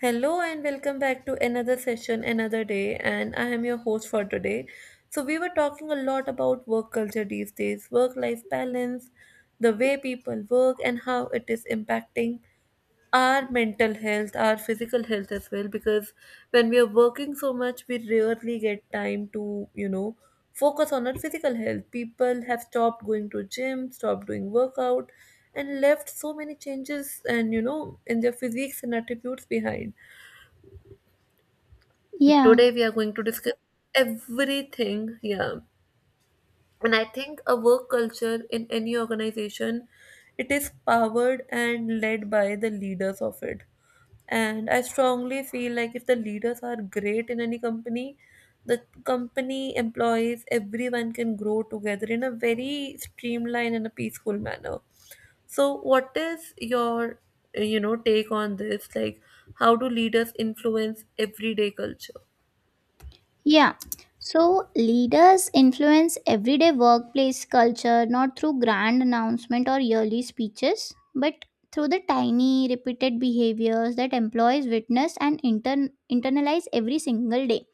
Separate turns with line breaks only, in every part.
Hello and welcome back to another session, another day, and I am your host for today. So, we were talking a lot about work culture these days, work life balance, the way people work, and how it is impacting our mental health, our physical health as well. Because when we are working so much, we rarely get time to, focus on our physical health. People have stopped going to gym, stopped doing workout, and left so many changes and in their physiques and attitudes behind.
Yeah,
Today we are going to discuss everything. Yeah, and I think a work culture in any organization, it is powered and led by the leaders of it, and I strongly feel like if the leaders are great in any company, the company employees, everyone can grow together in a very streamlined and a peaceful manner. So what is your, take on this, like how do leaders influence everyday culture?
yeah. So leaders influence everyday workplace culture not through grand announcement or yearly speeches, but through the tiny repeated behaviors that employees witness and internalize every single day.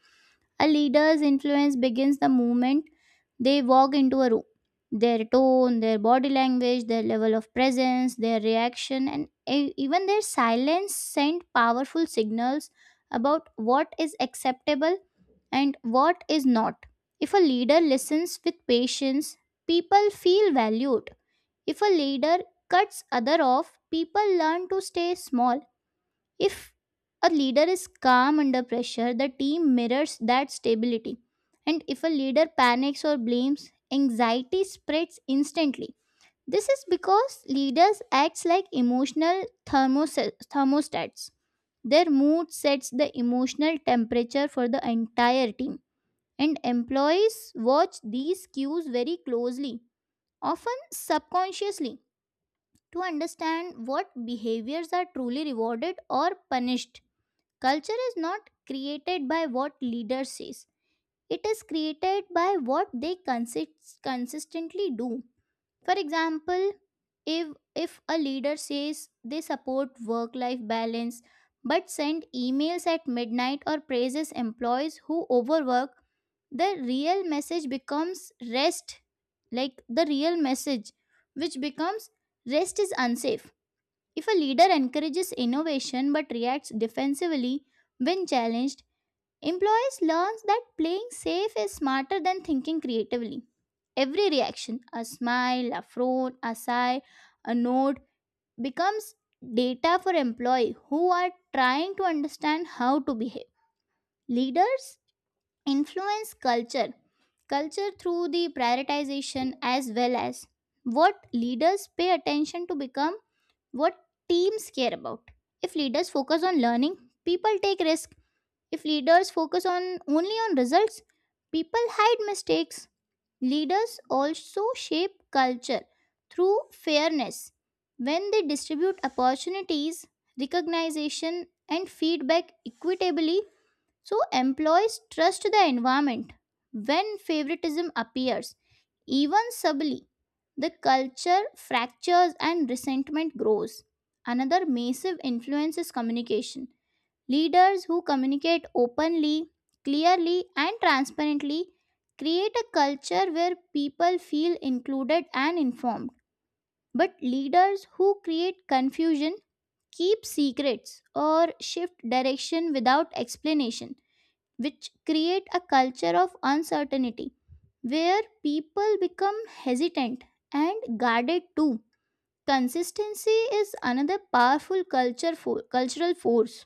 A leader's influence begins the moment they walk into a room. Their tone, their body language, their level of presence, their reaction, and even their silence send powerful signals about what is acceptable and what is not. If a leader listens with patience, people feel valued. If a leader cuts other off, people learn to stay small. If a leader is calm under pressure, the team mirrors that stability. And if a leader panics or blames, anxiety spreads instantly. This is because leaders act like emotional thermostats. Their mood sets the emotional temperature for the entire team, and employees watch these cues very closely, often subconsciously, to understand what behaviors are truly rewarded or punished. Culture is not created by what leaders say, it is created by what they consistently do. For example, if if a leader says they support work life balance but send emails at midnight or praises employees who overwork, the real message becomes rest, like the real message which becomes rest is unsafe. If a leader encourages innovation but reacts defensively when challenged, employees learn that playing safe is smarter than thinking creatively. Every reaction, a smile, a frown, a sigh, a nod, becomes data for employee who are trying to understand how to behave. Leaders influence culture through the prioritization, as well as what leaders pay attention to become what teams care about. If leaders focus on learning, people take risk. If leaders focus on only on results, people hide mistakes. Leaders also shape culture through fairness. When they distribute opportunities, recognition and feedback equitably, so employees trust the environment. When favoritism appears, even subtly, the culture fractures and resentment grows. Another massive influence is communication. Leaders who communicate openly, clearly, and transparently create a culture where people feel included and informed. But leaders who create confusion, keep secrets or shift direction without explanation, which create a culture of uncertainty where people become hesitant and guarded too. Consistency is another powerful cultural force.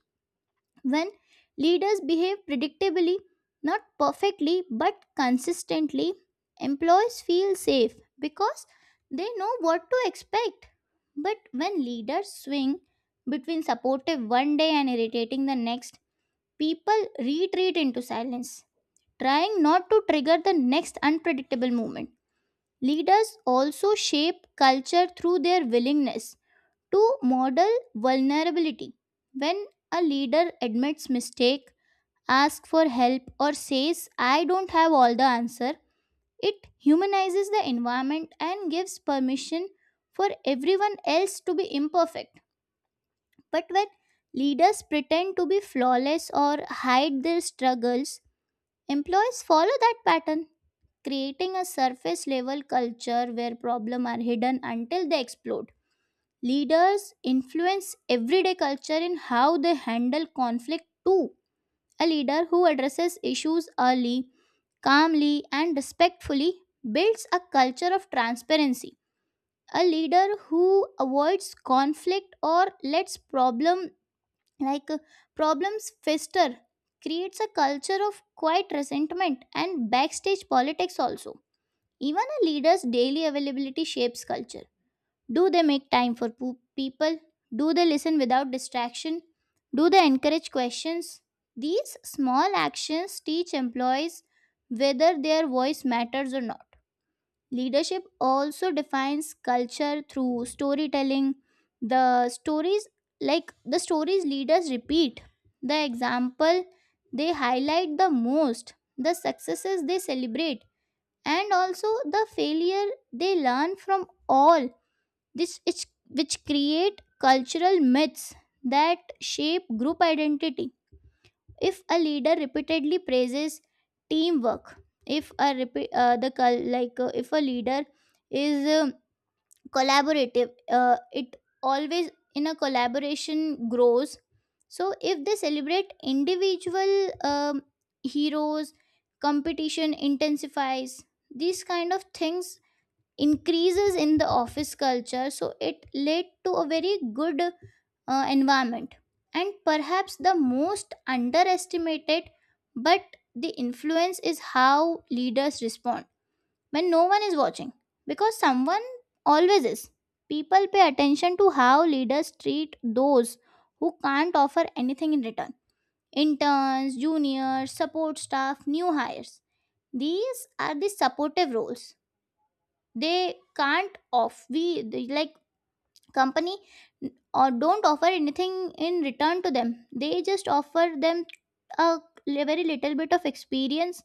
When leaders behave predictably, not perfectly but consistently, employees feel safe because they know what to expect. But when leaders swing between supportive one day and irritating the next, people retreat into silence, trying not to trigger the next unpredictable moment. Leaders also shape culture through their willingness to model vulnerability. When a leader admits mistake, ask for help or says I don't have all the answer, it humanizes the environment and gives permission for everyone else to be imperfect. But when leaders pretend to be flawless or hide their struggles, employees follow that pattern, creating a surface level culture where problems are hidden until they explode. Leaders influence everyday culture in how they handle conflict too. A leader who addresses issues early, calmly, and respectfully builds a culture of transparency. A leader who avoids conflict or lets like uh, problems fester creates a culture of quiet resentment and backstage politics also. Even a leader's daily availability shapes culture. Do they make time for people? Do they listen without distraction? Do they encourage questions? These small actions teach employees whether their voice matters or not. Leadership also defines culture through storytelling. The stories, the stories leaders repeat, the example they highlight the most, the successes they celebrate, and also the failure they learn from, all this is which create cultural myths that shape group identity. If a leader repeatedly praises teamwork, if a repeat the cul- like if a leader is collaborative, it always in a collaboration grows. So if they celebrate individual heroes, competition intensifies. These kind of things increases in the office culture, so it led to a very good environment. And perhaps the most underestimated but the influence is how leaders respond when no one is watching, because someone always is. People pay attention to how leaders treat those who can't offer anything in return: interns, juniors, support staff, new hires. These are the supportive roles. They can't off we they- like Company or don't offer anything in return to them, they just offer them a very little bit of experience,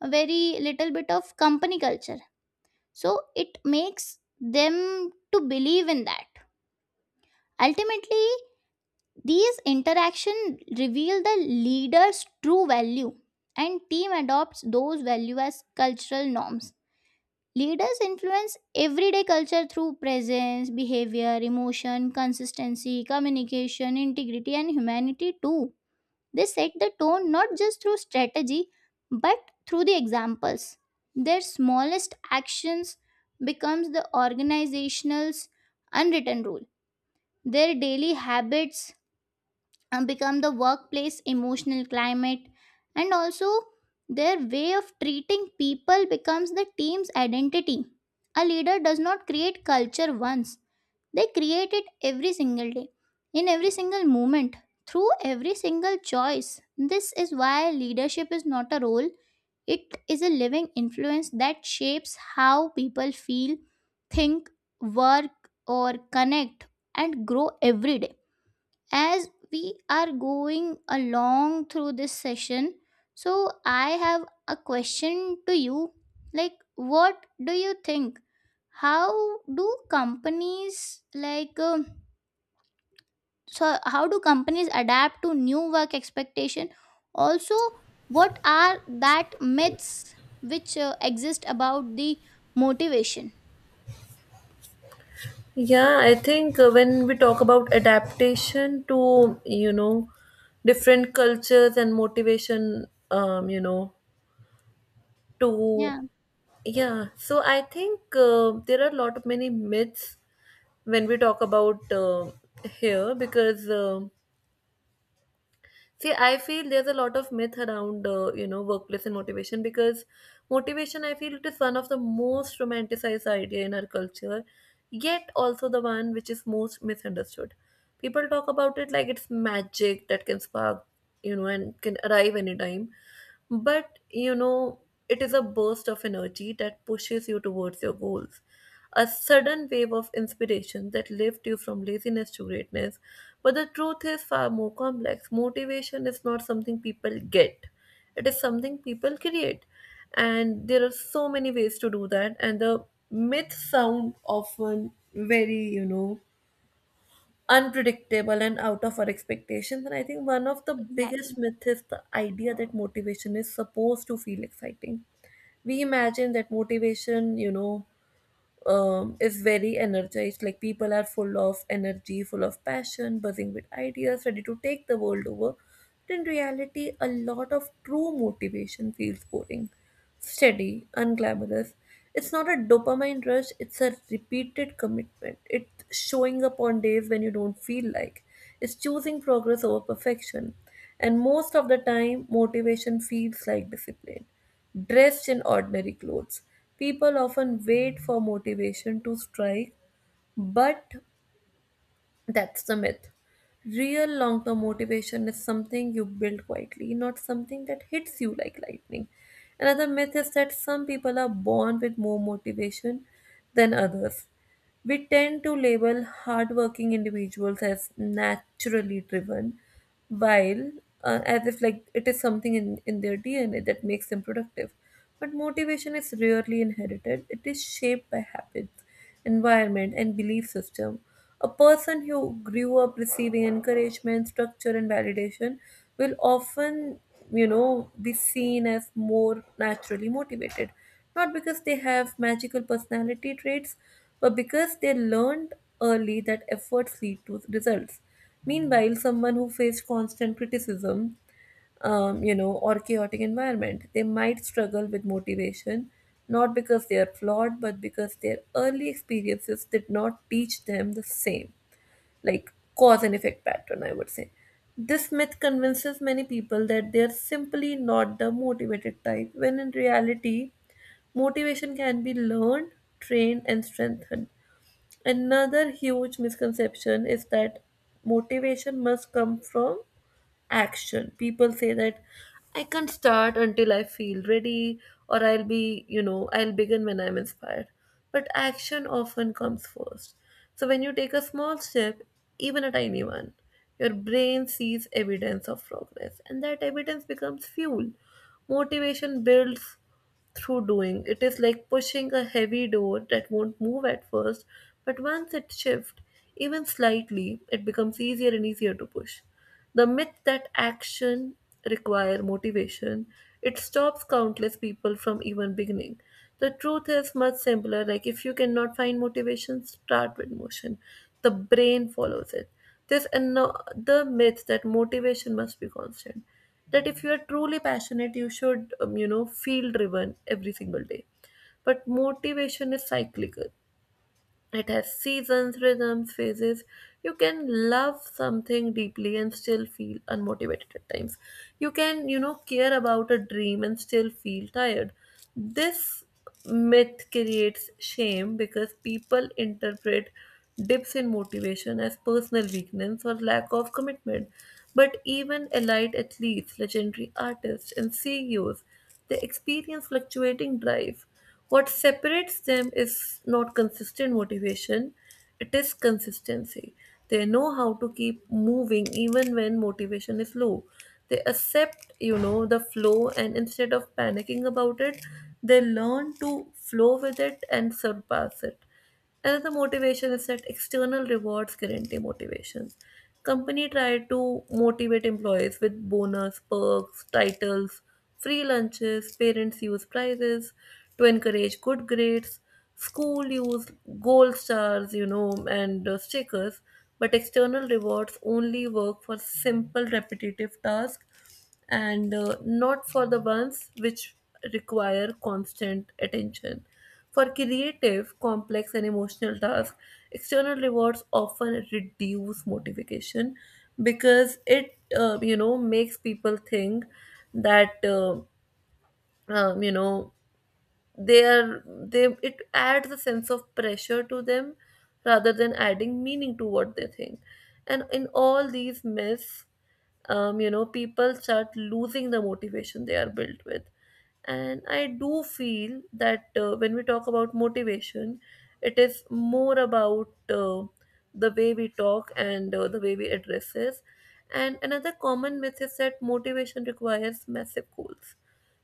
a very little bit of company culture, so it makes them to believe in that. Ultimately, these interaction reveal the leader's true value and team adopts those value as cultural norms. Leaders influence everyday culture through presence, behavior, emotion, consistency, communication, integrity, and humanity too. They set the tone not just through strategy but through the examples. Their smallest actions becomes the organizational's unwritten rule. Their daily habits become the workplace emotional climate, and also their way of treating people becomes the team's identity. A leader does not create culture once, they create it every single day, in every single moment, through every single choice. This is why leadership is not a role, it is a living influence that shapes how people feel, think, work or connect, and grow every day. As we are going along through this session, so I have a question to you. Like, what do you think, how do companies like how do companies adapt to new work expectation? Also, what are that myths which exist about the motivation?
Yeah, I think when we talk about adaptation to, different cultures and motivation, um, you know, to,
Yeah,
yeah. So I think there are a lot of many myths when we talk about here because, see, I feel there's a lot of myth around, workplace and motivation because motivation, I feel it is one of the most romanticized idea in our culture, yet also the one which is most misunderstood. People talk about it like it's magic that can spark, and can arrive anytime. But, it is a burst of energy that pushes you towards your goals, a sudden wave of inspiration that lifts you from laziness to greatness. But the truth is far more complex. Motivation is not something people get, it is something people create. And there are so many ways to do that. And the myths sound often very, unpredictable and out of our expectations. And I think one of the
exactly.
biggest myths is the idea that motivation is supposed to feel exciting. We imagine that motivation, is very energized. Like people are full of energy, full of passion, buzzing with ideas, ready to take the world over. But in reality, a lot of true motivation feels boring, steady, unglamorous. It's not a dopamine rush, it's a repeated commitment. It's showing up on days when you don't feel like. It's choosing progress over perfection. And most of the time, motivation feels like discipline dressed in ordinary clothes. People often wait for motivation to strike, but that's the myth. Real long term motivation is something you build quietly, not something that hits you like lightning. Another myth is that some people are born with more motivation than others. We tend to label hardworking individuals as naturally driven, while as if like it is something in their DNA that makes them productive. But motivation is rarely inherited, it is shaped by habits, environment, and belief system. A person who grew up receiving encouragement, structure, and validation will often, be seen as more naturally motivated. Not because they have magical personality traits, but because they learned early that efforts lead to results. Meanwhile, someone who faced constant criticism, or chaotic environment. They might struggle with motivation, not because they are flawed, but because their early experiences did not teach them the same, like cause and effect pattern, I would say. This myth convinces many people that they're simply not the motivated type, when in reality, motivation can be learned, trained, and strengthened. Another huge misconception is that motivation must come from action. People say that I can't start until I feel ready, or I'll be, I'll begin when I'm inspired. But action often comes first. So when you take a small step, even a tiny one, your brain sees evidence of progress, and that evidence becomes fuel. Motivation builds through doing. It is like pushing a heavy door that won't move at first, but once it shifts, even slightly, it becomes easier and easier to push. The myth that action require motivation, it stops countless people from even beginning. The truth is much simpler, like if you cannot find motivation, start with motion. The brain follows it. There's another myth that motivation must be constant. That if you are truly passionate, you should, feel driven every single day. But motivation is cyclical. It has seasons, rhythms, phases. You can love something deeply and still feel unmotivated at times. You can, care about a dream and still feel tired. This myth creates shame because people interpret dips in motivation as personal weakness or lack of commitment. But even elite athletes, legendary artists, and CEOs, they experience fluctuating drive. What separates them is not consistent motivation, it is consistency. They know how to keep moving even when motivation is low. They accept, the flow, and instead of panicking about it, they learn to flow with it and surpass it. Another motivation is that external rewards guarantee motivation. Company try to motivate employees with bonus, perks, titles, free lunches, parents use prizes to encourage good grades, school use gold stars, and stickers. But external rewards only work for simple repetitive tasks and not for the ones which require constant attention. For creative, complex, and emotional tasks, external rewards often reduce motivation because it, makes people think that, um, you know, they it adds a sense of pressure to them rather than adding meaning to what they think. And in all these myths, people start losing the motivation they are built with. And I do feel that when we talk about motivation, it is more about the way we talk and the way we address this. And another common myth is that motivation requires massive goals.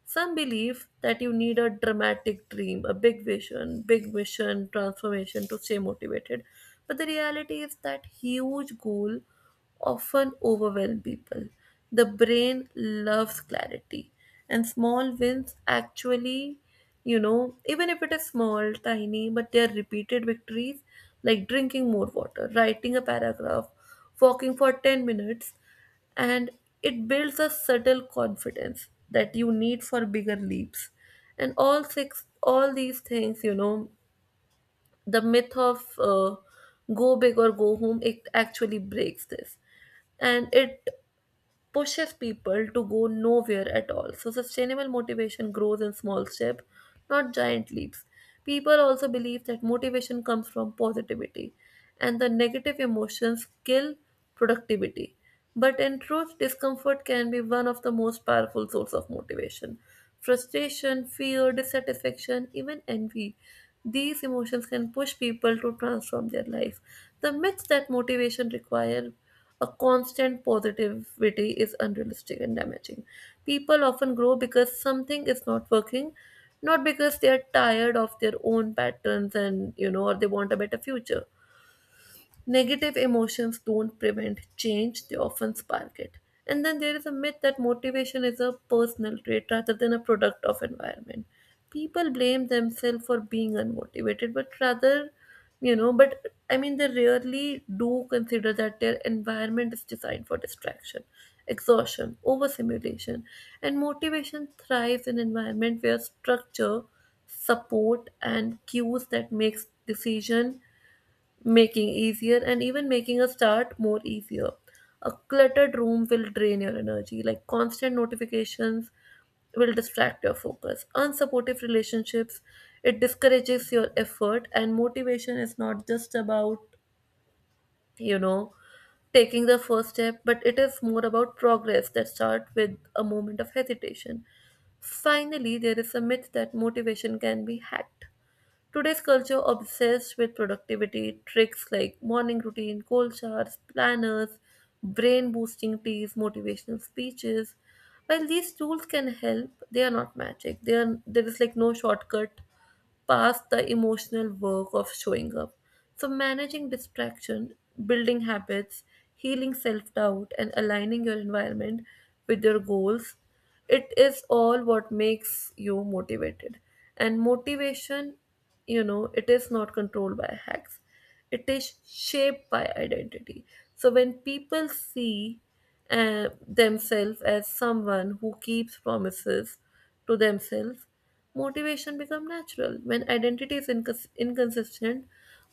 Some believe that you need a dramatic dream, a big vision, big mission, transformation to stay motivated. But the reality is that huge goal often overwhelm people. The brain loves clarity, and small wins actually, even if it is small, tiny, but they are repeated victories like drinking more water, writing a paragraph, walking for 10 minutes, and it builds a subtle confidence that you need for bigger leaps. And all six all these things, the myth of go big or go home, it actually breaks this and it pushes people to go nowhere at all. So, sustainable motivation grows in small steps, not giant leaps. People also believe that motivation comes from positivity, and the negative emotions kill productivity. But in truth, discomfort can be one of the most powerful source of motivation. Frustration, fear, dissatisfaction, even envy. These emotions can push people to transform their life. The myth that motivation require a constant positivity is unrealistic and damaging. People often grow because something is not working, not because they are tired of their own patterns and, or they want a better future. Negative emotions don't prevent change, they often spark it. And then there is a myth that motivation is a personal trait rather than a product of environment. People blame themselves for being unmotivated, but rather, but I mean, they rarely do consider that their environment is designed for distraction, exhaustion, overstimulation. And motivation thrives in environment where structure, support, and cues that makes decision making easier and even making a start more easier. A cluttered room will drain your energy, like constant notifications will distract your focus. Unsupportive relationships, it discourages your effort, and motivation is not just about, you know, taking the first step, but it is more about progress that start with a moment of hesitation. Finally, there is a myth that motivation can be hacked. Today's culture obsessed with productivity tricks like morning routine, cold showers, planners, brain boosting teas, motivational speeches. While these tools can help, they are not magic. They are there is like no shortcut past the emotional work of showing up. So, managing distraction, building habits, healing self doubt, and aligning your environment with your goals, it is all what makes you motivated. And motivation, it is not controlled by hacks, it is shaped by identity. So, when people see themselves as someone who keeps promises to themselves, motivation becomes natural. When identity is inconsistent,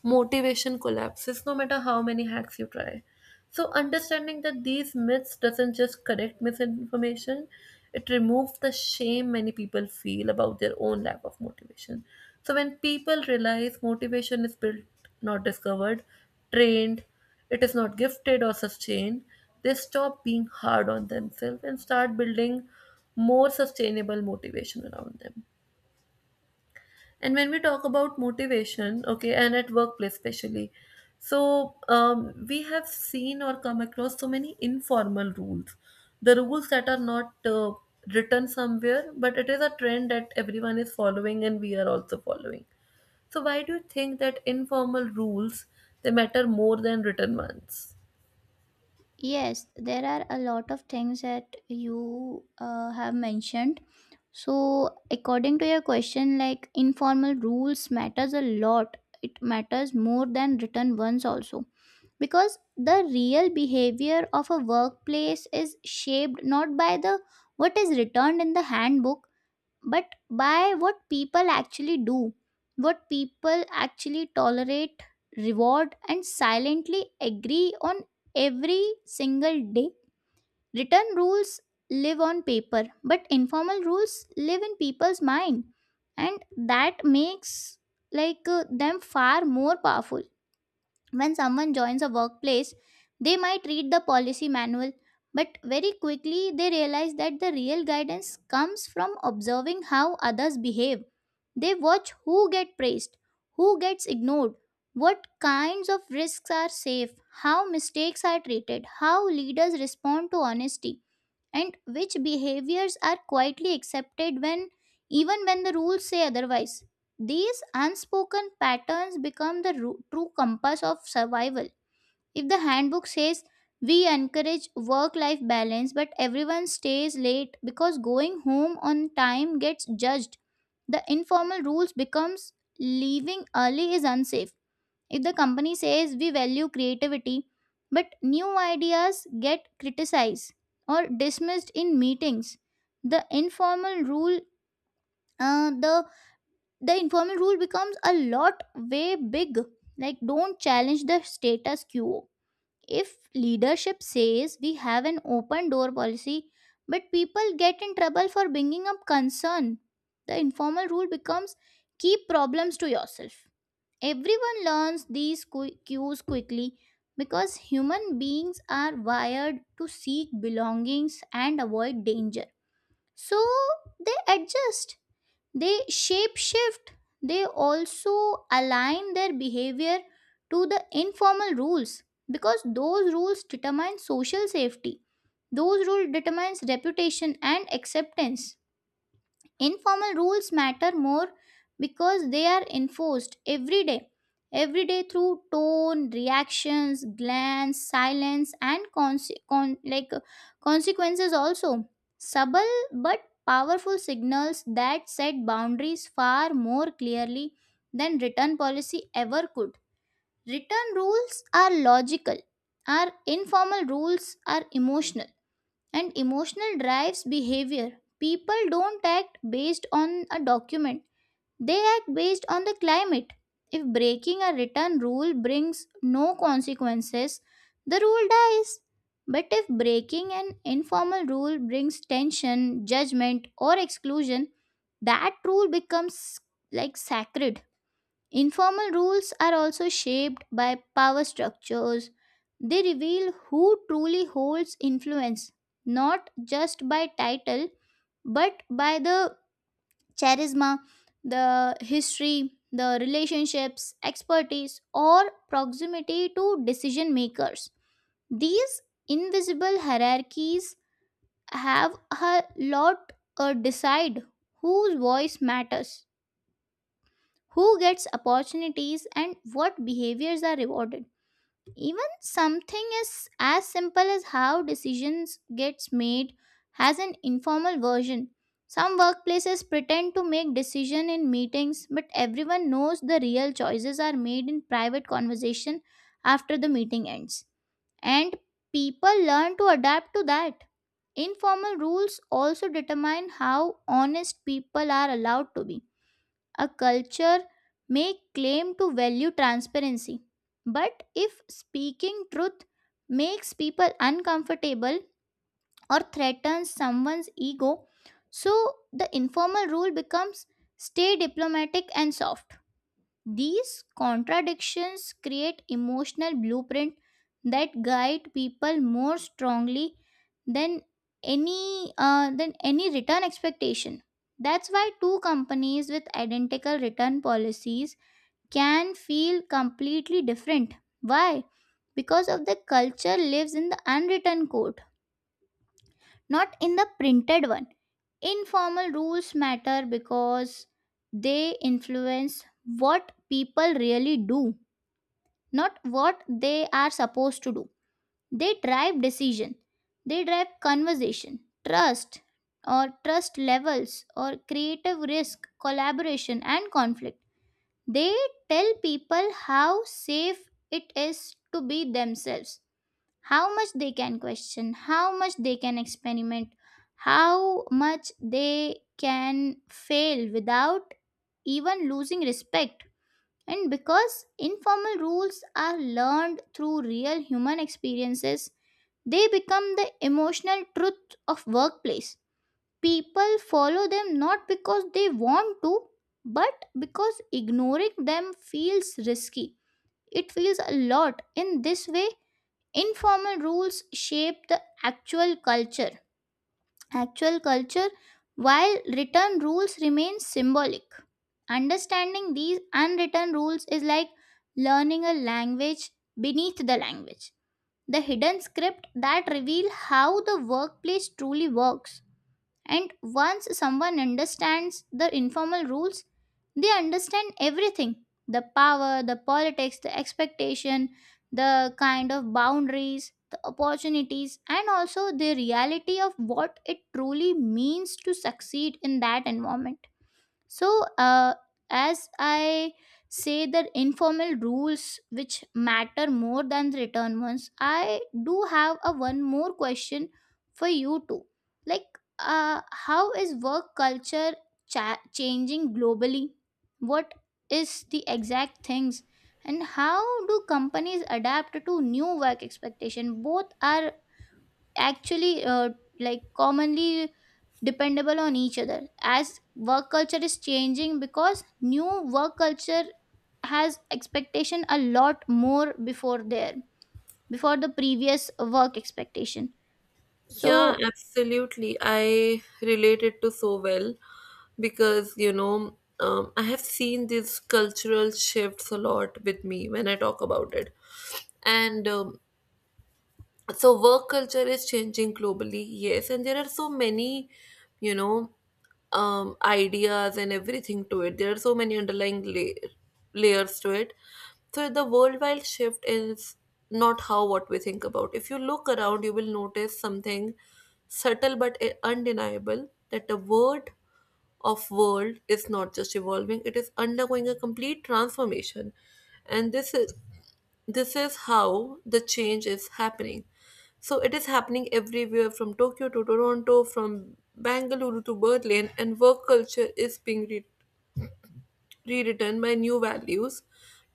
motivation collapses no matter how many hacks you try. So understanding that these myths doesn't just correct misinformation, it removes the shame many people feel about their own lack of motivation. So when people realize motivation is built, not discovered, trained, it is not gifted or sustained, they stop being hard on themselves and start building more sustainable motivation around them. And when we talk about motivation, okay, and at workplace especially, so we have seen or come across so many informal rules. The rules that are not written somewhere, but it is a trend that everyone is following and we are also following. So why do you think that informal rules they matter more than written ones?
Yes, there are a lot of things that you have mentioned. So, according to your question, like, informal rules matters a lot. It matters more than written ones also, because the real behavior of a workplace is shaped not by the what is returned in the handbook, but by what people actually do, what people actually tolerate, reward and silently agree on every single day. Written rules live on paper, but informal rules live in people's mind, and that makes them far more powerful. When someone joins a workplace, they might read the policy manual, but very quickly they realize that the real guidance comes from observing how others behave. They watch who get praised, who gets ignored, what kinds of risks are safe, how mistakes are treated, how leaders respond to honesty, and which behaviors are quietly accepted when, even when the rules say otherwise. These unspoken patterns become the true compass of survival. If the handbook says we encourage work life balance but everyone stays late because going home on time gets judged, the informal rules becomes leaving early is unsafe. If the company says we value creativity, but new ideas get criticized or dismissed in meetings, the uh, the informal rule becomes a lot way big, like don't challenge the status quo. If leadership says we have an open door policy but people get in trouble for bringing up concern, the informal rule becomes keep problems to yourself. Everyone learns these cues quickly because human beings are wired to seek belongings and avoid danger. So they adjust, they shape shift, they also align their behavior to the informal rules because those rules determine social safety. Those rules determines reputation and acceptance. Informal rules matter more because they are enforced every day, every day, through tone, reactions, glance, silence and consequences also. Subtle but powerful signals that set boundaries far more clearly than written policy ever could. Written rules are logical, our informal rules are emotional, and emotional drives behavior. People don't act based on a document, they act based on the climate. If breaking a written rule brings no consequences, the rule dies. But if breaking an informal rule brings tension, judgment, or exclusion, that rule becomes like sacred. Informal rules are also shaped by power structures. They reveal who truly holds influence, not just by title, but by the charisma, the history, the relationships, expertise, or proximity to decision makers. These invisible hierarchies have a lot or decide whose voice matters, who gets opportunities and what behaviors are rewarded. Even something as simple as how decisions gets made has an informal version. Some workplaces pretend to make decision in meetings but everyone knows the real choices are made in private conversation after the meeting ends, and people learn to adapt to that. Informal rules also determine how honest people are allowed to be. A culture may claim to value transparency, but if speaking truth makes people uncomfortable or threatens someone's ego, so the informal rule becomes stay diplomatic and soft. These contradictions create emotional blueprint that guide people more strongly than any return expectation. That's why two companies with identical return policies can feel completely different. Why? Because of the culture lives in the unwritten code, not in the printed one. Informal rules matter because they influence what people really do, not what they are supposed to do. They drive decision, they drive conversation, trust trust levels, or creative risk, collaboration and conflict. They tell people how safe it is to be themselves, how much they can question, how much they can experiment, how much they can fail without even losing respect. And because informal rules are learned through real human experiences, they become the emotional truth of workplace. People follow them not because they want to, but because ignoring them feels risky. It feels a lot. In this way, informal rules shape the actual culture while written rules remain symbolic. Understanding these unwritten rules is like learning a language beneath the language, the hidden script that reveal how the workplace truly works. And once someone understands the informal rules, they understand everything: the power, the politics, the expectation, the kind of boundaries, the opportunities, and also the reality of what it truly means to succeed in that environment. So, as I say, the informal rules which matter more than the written ones, I do have a one more question for you too. Like, how is work culture changing globally? What is the exact things, and how do companies adapt to new work expectation? Both are actually commonly dependable on each other, as work culture is changing because new work culture has expectation a lot more before there, before the previous work expectation,
Yeah,
so
absolutely. I relate it to so well because, I have seen these cultural shifts a lot with me when I talk about it. And so work culture is changing globally, yes, and there are so many, you know ideas and everything to it. There are so many underlying layers to it. So the worldwide shift is not how what we think about. If you look around, you will notice something subtle but undeniable, that the word of world is not just evolving, it is undergoing a complete transformation. And this is, this is how the change is happening. So it is happening everywhere, from Tokyo to Toronto, from Bangalore to Berlin, and work culture is being rewritten by new values,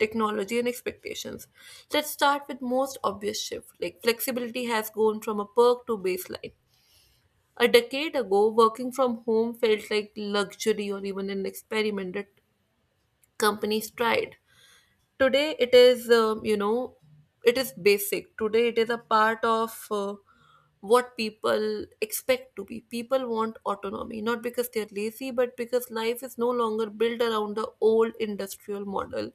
technology and expectations. Let's start with most obvious shift, like flexibility has gone from a perk to baseline. A decade ago, working from home felt like luxury or even an experiment that companies tried. Today, it is, it is basic. Today, it is a part of what people expect to be. People want autonomy, not because they're lazy, but because life is no longer built around the old industrial model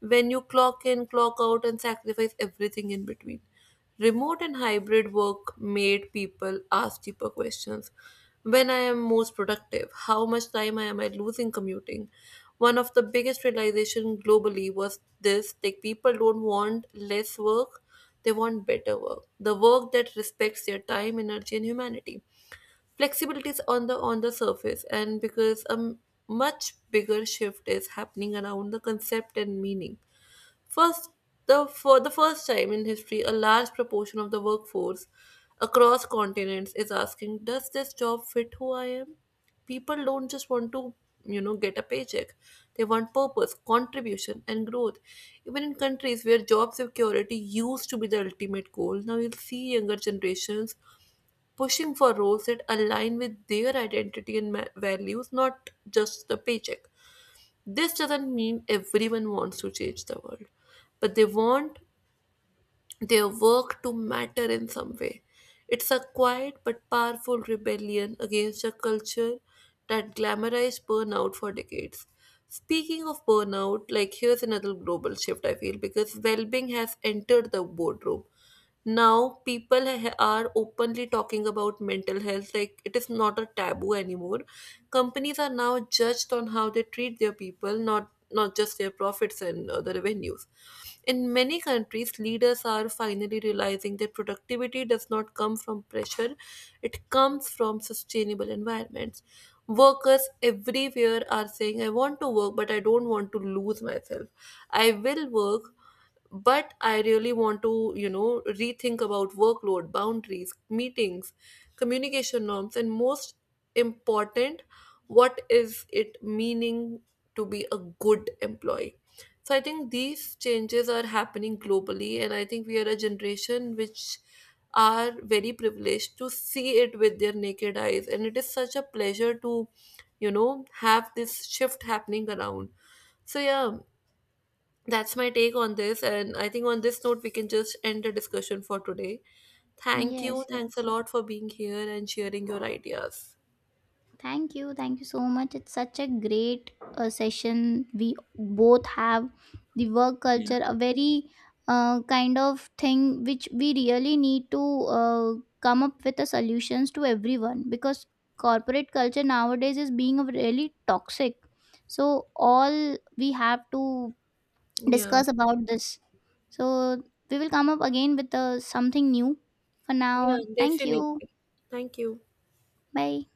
when you clock in, clock out, and sacrifice everything in between. Remote and hybrid work made people ask deeper questions. When I am most productive, how much time am I losing commuting? One of the biggest realization globally was this, like people don't want less work, they want better work. The work that respects their time, energy and humanity. Flexibility is on the surface, and because a much bigger shift is happening around the concept and meaning. First, for the first time in history, a large proportion of the workforce across continents is asking, does this job fit who I am? People don't just want to, get a paycheck. They want purpose, contribution, and growth. Even in countries where job security used to be the ultimate goal, now you'll see younger generations pushing for roles that align with their identity and values, not just the paycheck. This doesn't mean everyone wants to change the world, but they want their work to matter in some way. It's a quiet but powerful rebellion against a culture that glamorized burnout for decades. Speaking of burnout, like here's another global shift I feel, because well being has entered the boardroom. Now people are openly talking about mental health, like it is not a taboo anymore. Companies are now judged on how they treat their people, not just their profits and the revenues. In many countries, leaders are finally realizing that productivity does not come from pressure, it comes from sustainable environments. Workers everywhere are saying, I want to work, but I don't want to lose myself. I will work, but I really want to, rethink about workload, boundaries, meetings, communication norms, and most important, what is it meaning to be a good employee. So I think these changes are happening globally, and I think we are a generation which are very privileged to see it with their naked eyes, and it is such a pleasure to, have this shift happening around. So yeah, that's my take on this, and I think on this note, we can just end the discussion for today. Thank you.
yes,
Thanks a
yes.
lot for being here and sharing your ideas.
Thank you. Thank you so much. It's such a great session. We both have the work culture, a very kind of thing which we really need to uh, come up with the solutions to everyone, because corporate culture nowadays is being a really toxic. So, all we have to
Yeah,
discuss about this. So, we will come up again with something new. For
yeah,
now, thank
definitely.
you.
Thank you.
Bye.